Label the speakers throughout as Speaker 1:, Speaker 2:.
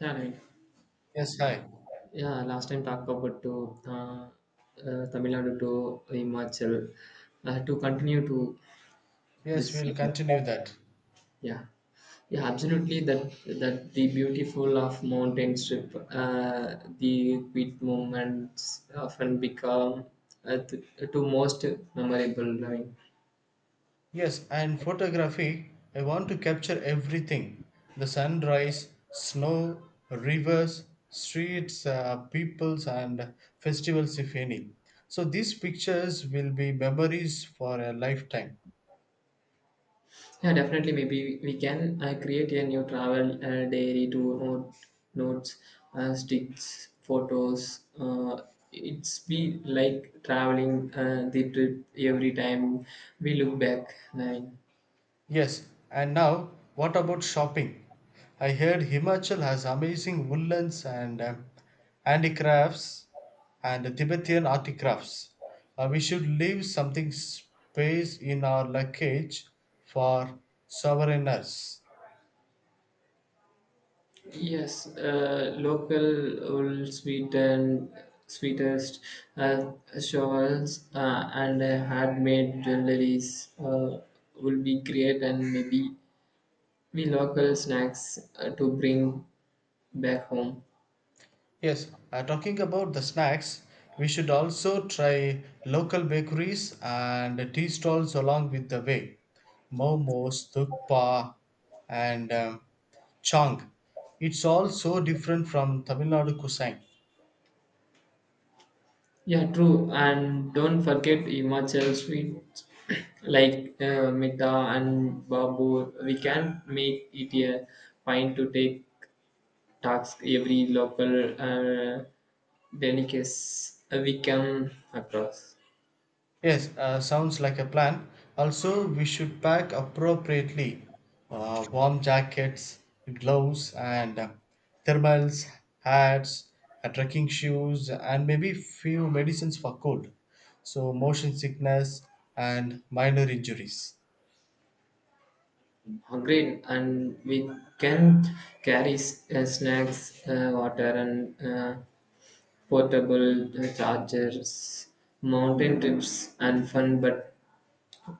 Speaker 1: Yeah, right.
Speaker 2: Yes, hi.
Speaker 1: Yeah, last time talk about to Tamil Nadu to Himachal, to continue to
Speaker 2: Yes,
Speaker 1: this
Speaker 2: we'll
Speaker 1: season.
Speaker 2: continue that.
Speaker 1: Yeah, yeah, absolutely. That the beautiful of mountain strip, uh, the quiet moments often become uh, to, to most memorable. I mean.
Speaker 2: Yes, and photography, I want to capture everything: the sunrise, snow, rivers, streets, peoples, and festivals, if any. So these pictures will be memories for a lifetime.
Speaker 1: Yeah, definitely. Maybe we can create a new travel diary to notes, sticks, photos. It's be like traveling the trip every time we look back. Nine.
Speaker 2: Yes, and now what about shopping? I heard Himachal has amazing woolens and handicrafts and Tibetan artifacts. We should leave something space in our luggage for sovereigners.
Speaker 1: Yes, local old sweet and sweetest uh, shawls, and handmade jewelries will be great, and maybe we local snacks to bring back home.
Speaker 2: Yes, talking about the snacks, we should also try local bakeries and tea stalls along with the way. Momos, Thukpa, and Chang. It's all so different from Tamil Nadu cuisine.
Speaker 1: Yeah, true. And don't forget Himachal sweets like Mita and Babu. We can make it a point to take tasks every local delicacy we come across.
Speaker 2: Yes, sounds like a plan. Also, we should pack appropriately warm jackets, gloves, and thermals, hats, trekking shoes, and maybe few medicines for cold, so motion sickness and minor injuries.
Speaker 1: Hungry and we can carry snacks, water and portable chargers. Mountain trips and fun, but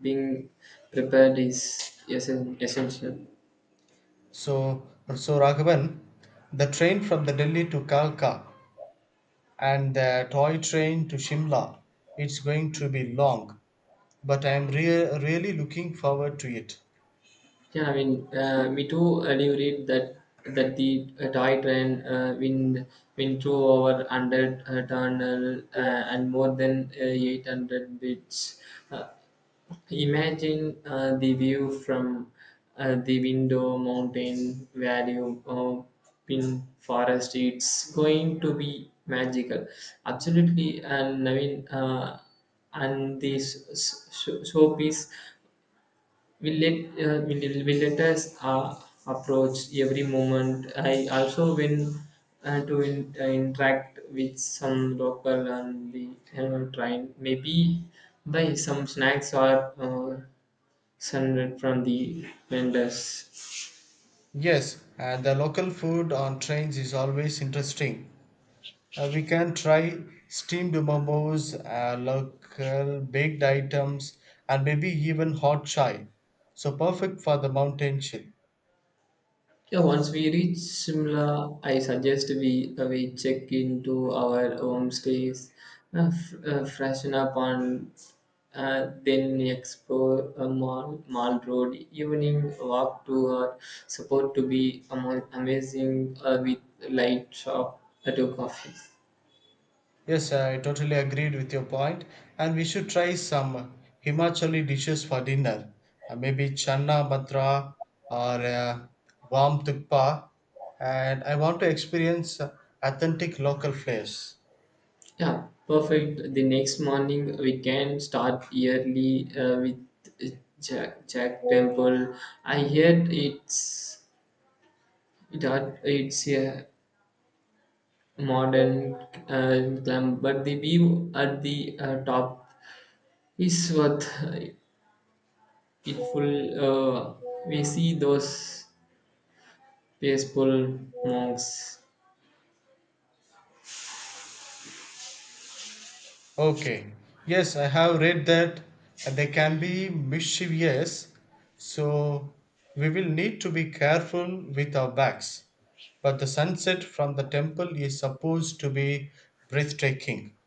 Speaker 1: being prepared is essential.
Speaker 2: So, so Raghavan, the train from the Delhi to Kalka and the toy train to Shimla, it's going to be long, but really looking forward to it.
Speaker 1: Yeah, I mean, we do read that the toy train win two over hundred tunnel, and more than 800 bits. Uh, Imagine the view from the window, mountain, valley, pin forest. It's going to be magical, absolutely. And I mean, and this showpiece will let will let us approach every moment. I also when interact with some local and the train maybe buy some snacks or sunlight from the vendors.
Speaker 2: Yes, and the local food on trains is always interesting. We can try steamed momos, local baked items, and maybe even hot chai. So perfect for the mountain chill.
Speaker 1: Yeah, once we reach Simla, I suggest we check into our homestays, freshen up, and then explore a Mall Road. Evening walk to are supposed to be amazing, with light shop to coffee.
Speaker 2: Yes, I totally agreed with your point, and we should try some Himachali dishes for dinner. Maybe channa matra or warm tukpa, and I want to experience authentic local flavors.
Speaker 1: Yeah, perfect. The next morning we can start early with Jack Temple. I heard it's a modern climb, but the view at the top is worth it full. We see those peaceful monks.
Speaker 2: Okay. Yes, I have read that they can be mischievous, so we will need to be careful with our backs. But the sunset from the temple is supposed to be breathtaking.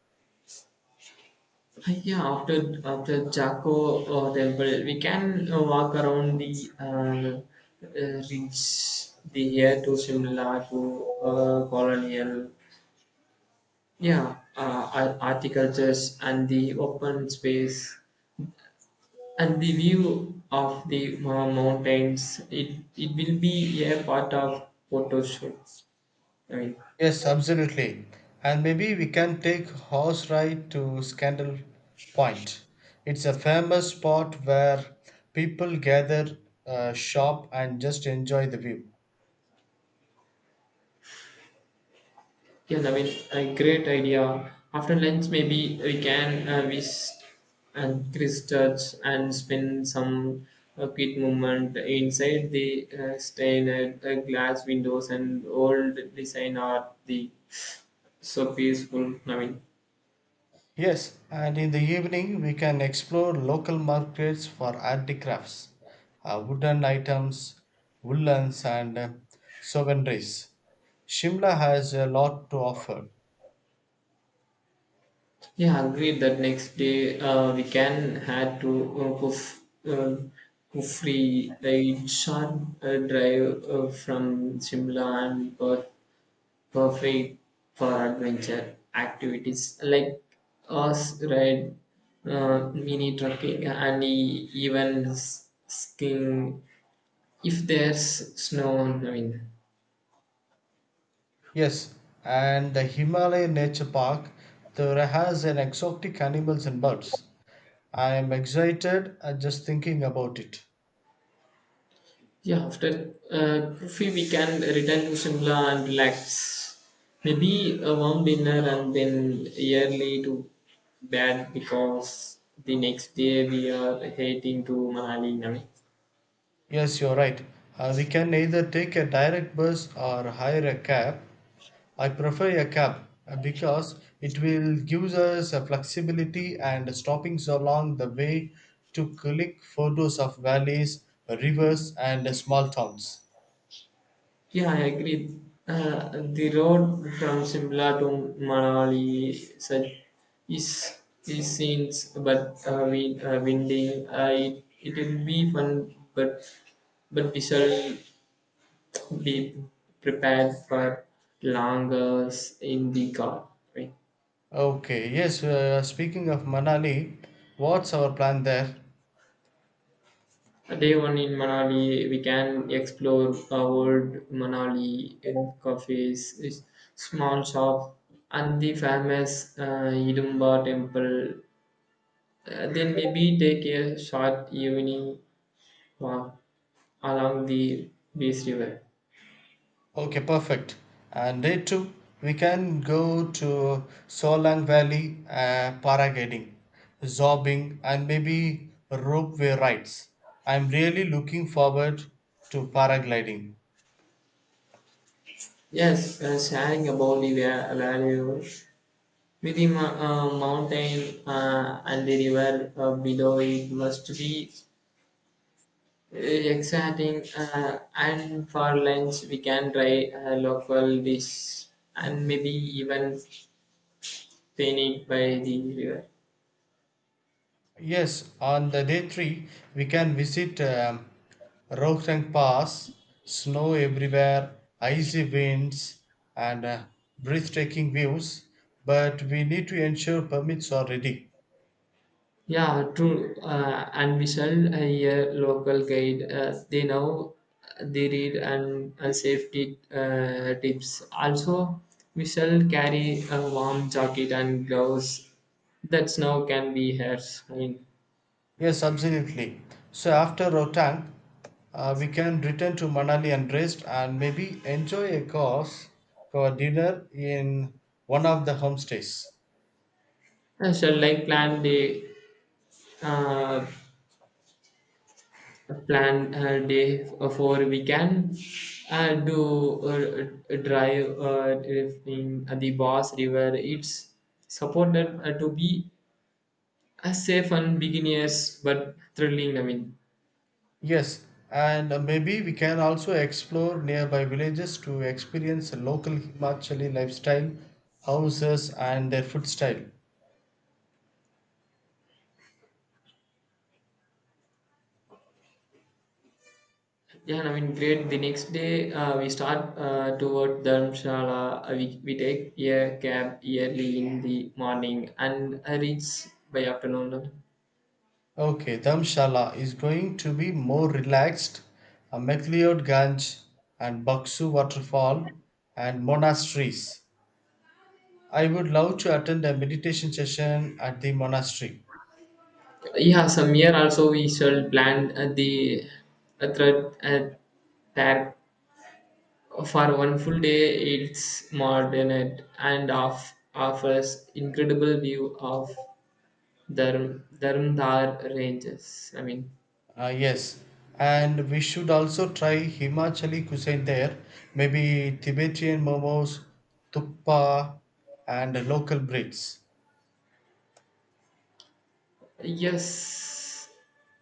Speaker 1: Yeah, after Jaco temple, we can walk around the reach the here to Shimla to colonial. Yeah, horticultures and the open space. And the view of the mountains, it will be a part of photo shoots. I mean,
Speaker 2: Yes, absolutely. And maybe we can take horse ride to Scandal Point. It's a famous spot where people gather, shop, and just enjoy the view.
Speaker 1: yes, I mean, a great idea. After lunch, maybe we can visit and Christchurch and spend some quick moment inside the stained glass windows and old design art. The so peaceful. I mean.
Speaker 2: Yes, and in the evening we can explore local markets for handicrafts, wooden items, woolens, and souvenirs. Shimla has a lot to offer.
Speaker 1: Yeah, agreed that next day we can had to uh, Kuf, uh, Kufri, a short drive from Shimla and Perth, perfect for adventure activities like horse ride, mini trekking, and even skiing if there's snow. I mean.
Speaker 2: Yes, and the Himalaya Nature Park there has an exotic animals and birds. I am excited just thinking about it.
Speaker 1: Yeah, after coffee, we can return to Shimla and relax. Maybe a warm dinner and then early to bed because the next day we are heading to Manali. Navi.
Speaker 2: Yes, you're right. We can either take a direct bus or hire a cab. I prefer a cab because it will give us a flexibility and stopping so along the way to click photos of valleys, rivers, and small towns.
Speaker 1: Yeah, I agree. The road from Shimla to Manali such is is scenes, but winding. I It will be fun, but we shall be prepared for long hours in the car. Right.
Speaker 2: Okay, yes, speaking of Manali, what's our plan there?
Speaker 1: Day one in Manali, we can explore old Manali in cafes, small shop, and the famous Idumba temple. Then maybe take a short evening walk along the Beast River.
Speaker 2: Okay, perfect. And day two, we can go to Solang Valley, paragliding, zorbing, and maybe ropeway rides. I'm really looking forward to paragliding.
Speaker 1: Yes, sharing about the value. With the mountain and the river below it must be exciting. And for lunch, we can try a local dish and maybe even painting by the river.
Speaker 2: Yes, on the day three, we can visit Rohtang Pass, snow everywhere, icy winds, and breathtaking views. But we need to ensure permits are ready.
Speaker 1: Yeah, true. And we sell a local guide. They know they read and safety tips. Also, we sell carry a warm jacket and gloves that snow can be hers. I mean,
Speaker 2: Yes, absolutely. So after Rohtang, we can return to Manali and rest and maybe enjoy a course for dinner in one of the homestays.
Speaker 1: shall like uh, plan day for weekend. Do drive in the Boss River. It's supported to be a safe and beginners but thrilling. I mean.
Speaker 2: Yes, and maybe we can also explore nearby villages to experience local Himachali lifestyle, houses, and their food style.
Speaker 1: Yeah, I mean, great. The next day, we start toward Dharamshala. We take a cab early in the morning and reach by afternoon.
Speaker 2: Okay, Dhamshala is going to be more relaxed. MacLeod Ganj and Baksu waterfall and monasteries. I would love to attend a meditation session at the monastery.
Speaker 1: Yeah, some year also we shall plan the thread that for one full day it's modern it and offers incredible view of Dharamdar ranges. I mean.
Speaker 2: Yes, and we should also try Himachali cuisine there. Maybe Tibetan momos, thuppa, and local breeds.
Speaker 1: Yes,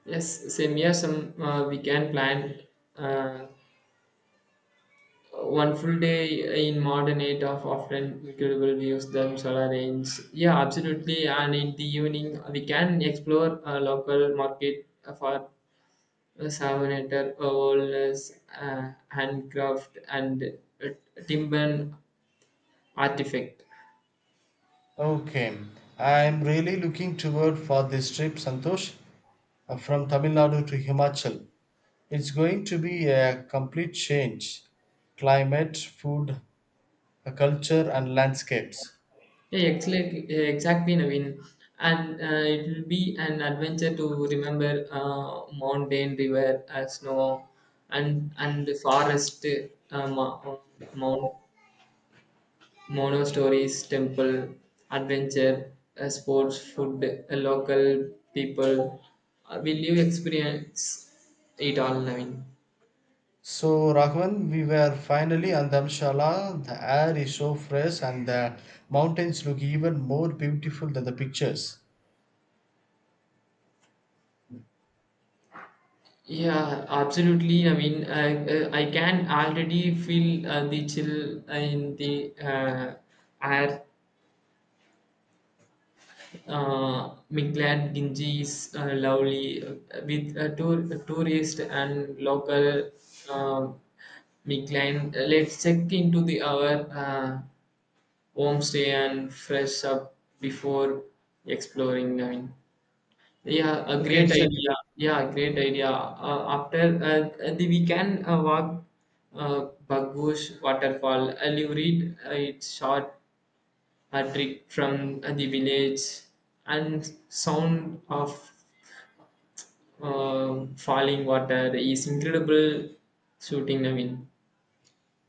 Speaker 1: yes, same here. Some we can plan uh, one full day in modern eight of often incredible views them solar range. Yeah, absolutely. And in the evening, we can explore a local market for savanator, wellness, handcraft, and uh, timber artifact.
Speaker 2: Okay, I'm really looking toward for this trip, Santosh, from Tamil Nadu to Himachal. It's going to be a complete change, climate, food, culture, and landscapes.
Speaker 1: Yeah, exactly, exactly, Naveen. And it will be an adventure to remember mountain, river, snow, and the forest, uh, mo- mount, mono stories, temple, adventure, sports, food, local people. Will you experience it all, Naveen?
Speaker 2: So, Rahman, we were finally on Dharamshala. The air is so fresh, and the mountains look even more beautiful than the pictures.
Speaker 1: Yeah, absolutely. I mean, I can already feel the chill in the air. Miklad Ginji is lovely with tourist and local uh, Miklan. Let's check into the our homestay and fresh up before exploring. I mean. Yeah, a
Speaker 2: Okay,
Speaker 1: great
Speaker 2: it's a
Speaker 1: idea. Yeah, great idea. After the we can walk Bagbush waterfall. I'll you read its short Patrick from the village and sound of falling water is incredible shooting Naveen.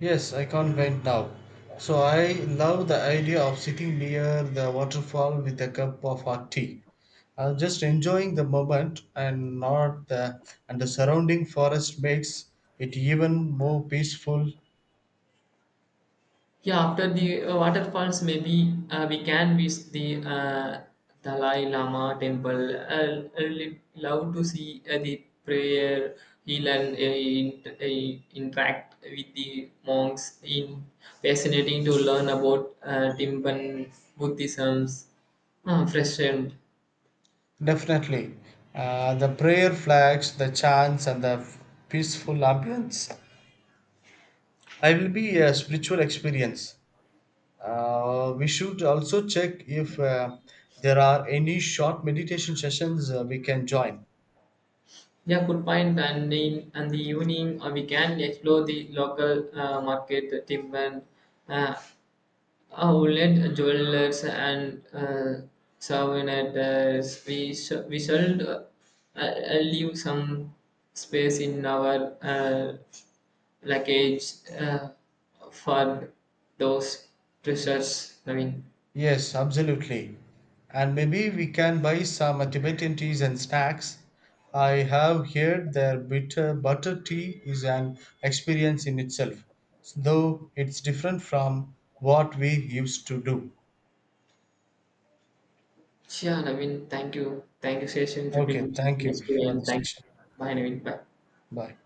Speaker 2: yes, I can't wait now. So, I love the idea of sitting near the waterfall with a cup of hot tea. I'm just enjoying the moment and not the and the surrounding forest makes it even more peaceful.
Speaker 1: Yeah, after the waterfalls, maybe we can visit the Dalai Lama temple. I really love to see the prayer, heal, and interact with the monks. In fascinating to learn about Timpan Buddhism's fresh air.
Speaker 2: Definitely. The prayer flags, the chants, and the peaceful ambience. I will be a spiritual experience. We should also check if there are any short meditation sessions we can join.
Speaker 1: Yeah, good point. And the evening, we can explore the local market, Timban, uh, outlet, jewelers, and souvenirs. We shall leave some space in our luggage for those treasures. I mean.
Speaker 2: Yes, absolutely. And maybe we can buy some Tibetan teas and snacks. I have heard their bitter butter tea is an experience in itself, though it's different from what we used to do.
Speaker 1: Yeah, I mean, thank you, session.
Speaker 2: Okay,
Speaker 1: Fifteen
Speaker 2: thank
Speaker 1: minutes
Speaker 2: you
Speaker 1: to
Speaker 2: for
Speaker 1: end.
Speaker 2: this
Speaker 1: Thank you.
Speaker 2: session.
Speaker 1: Bye, Naveen. Bye.
Speaker 2: Bye.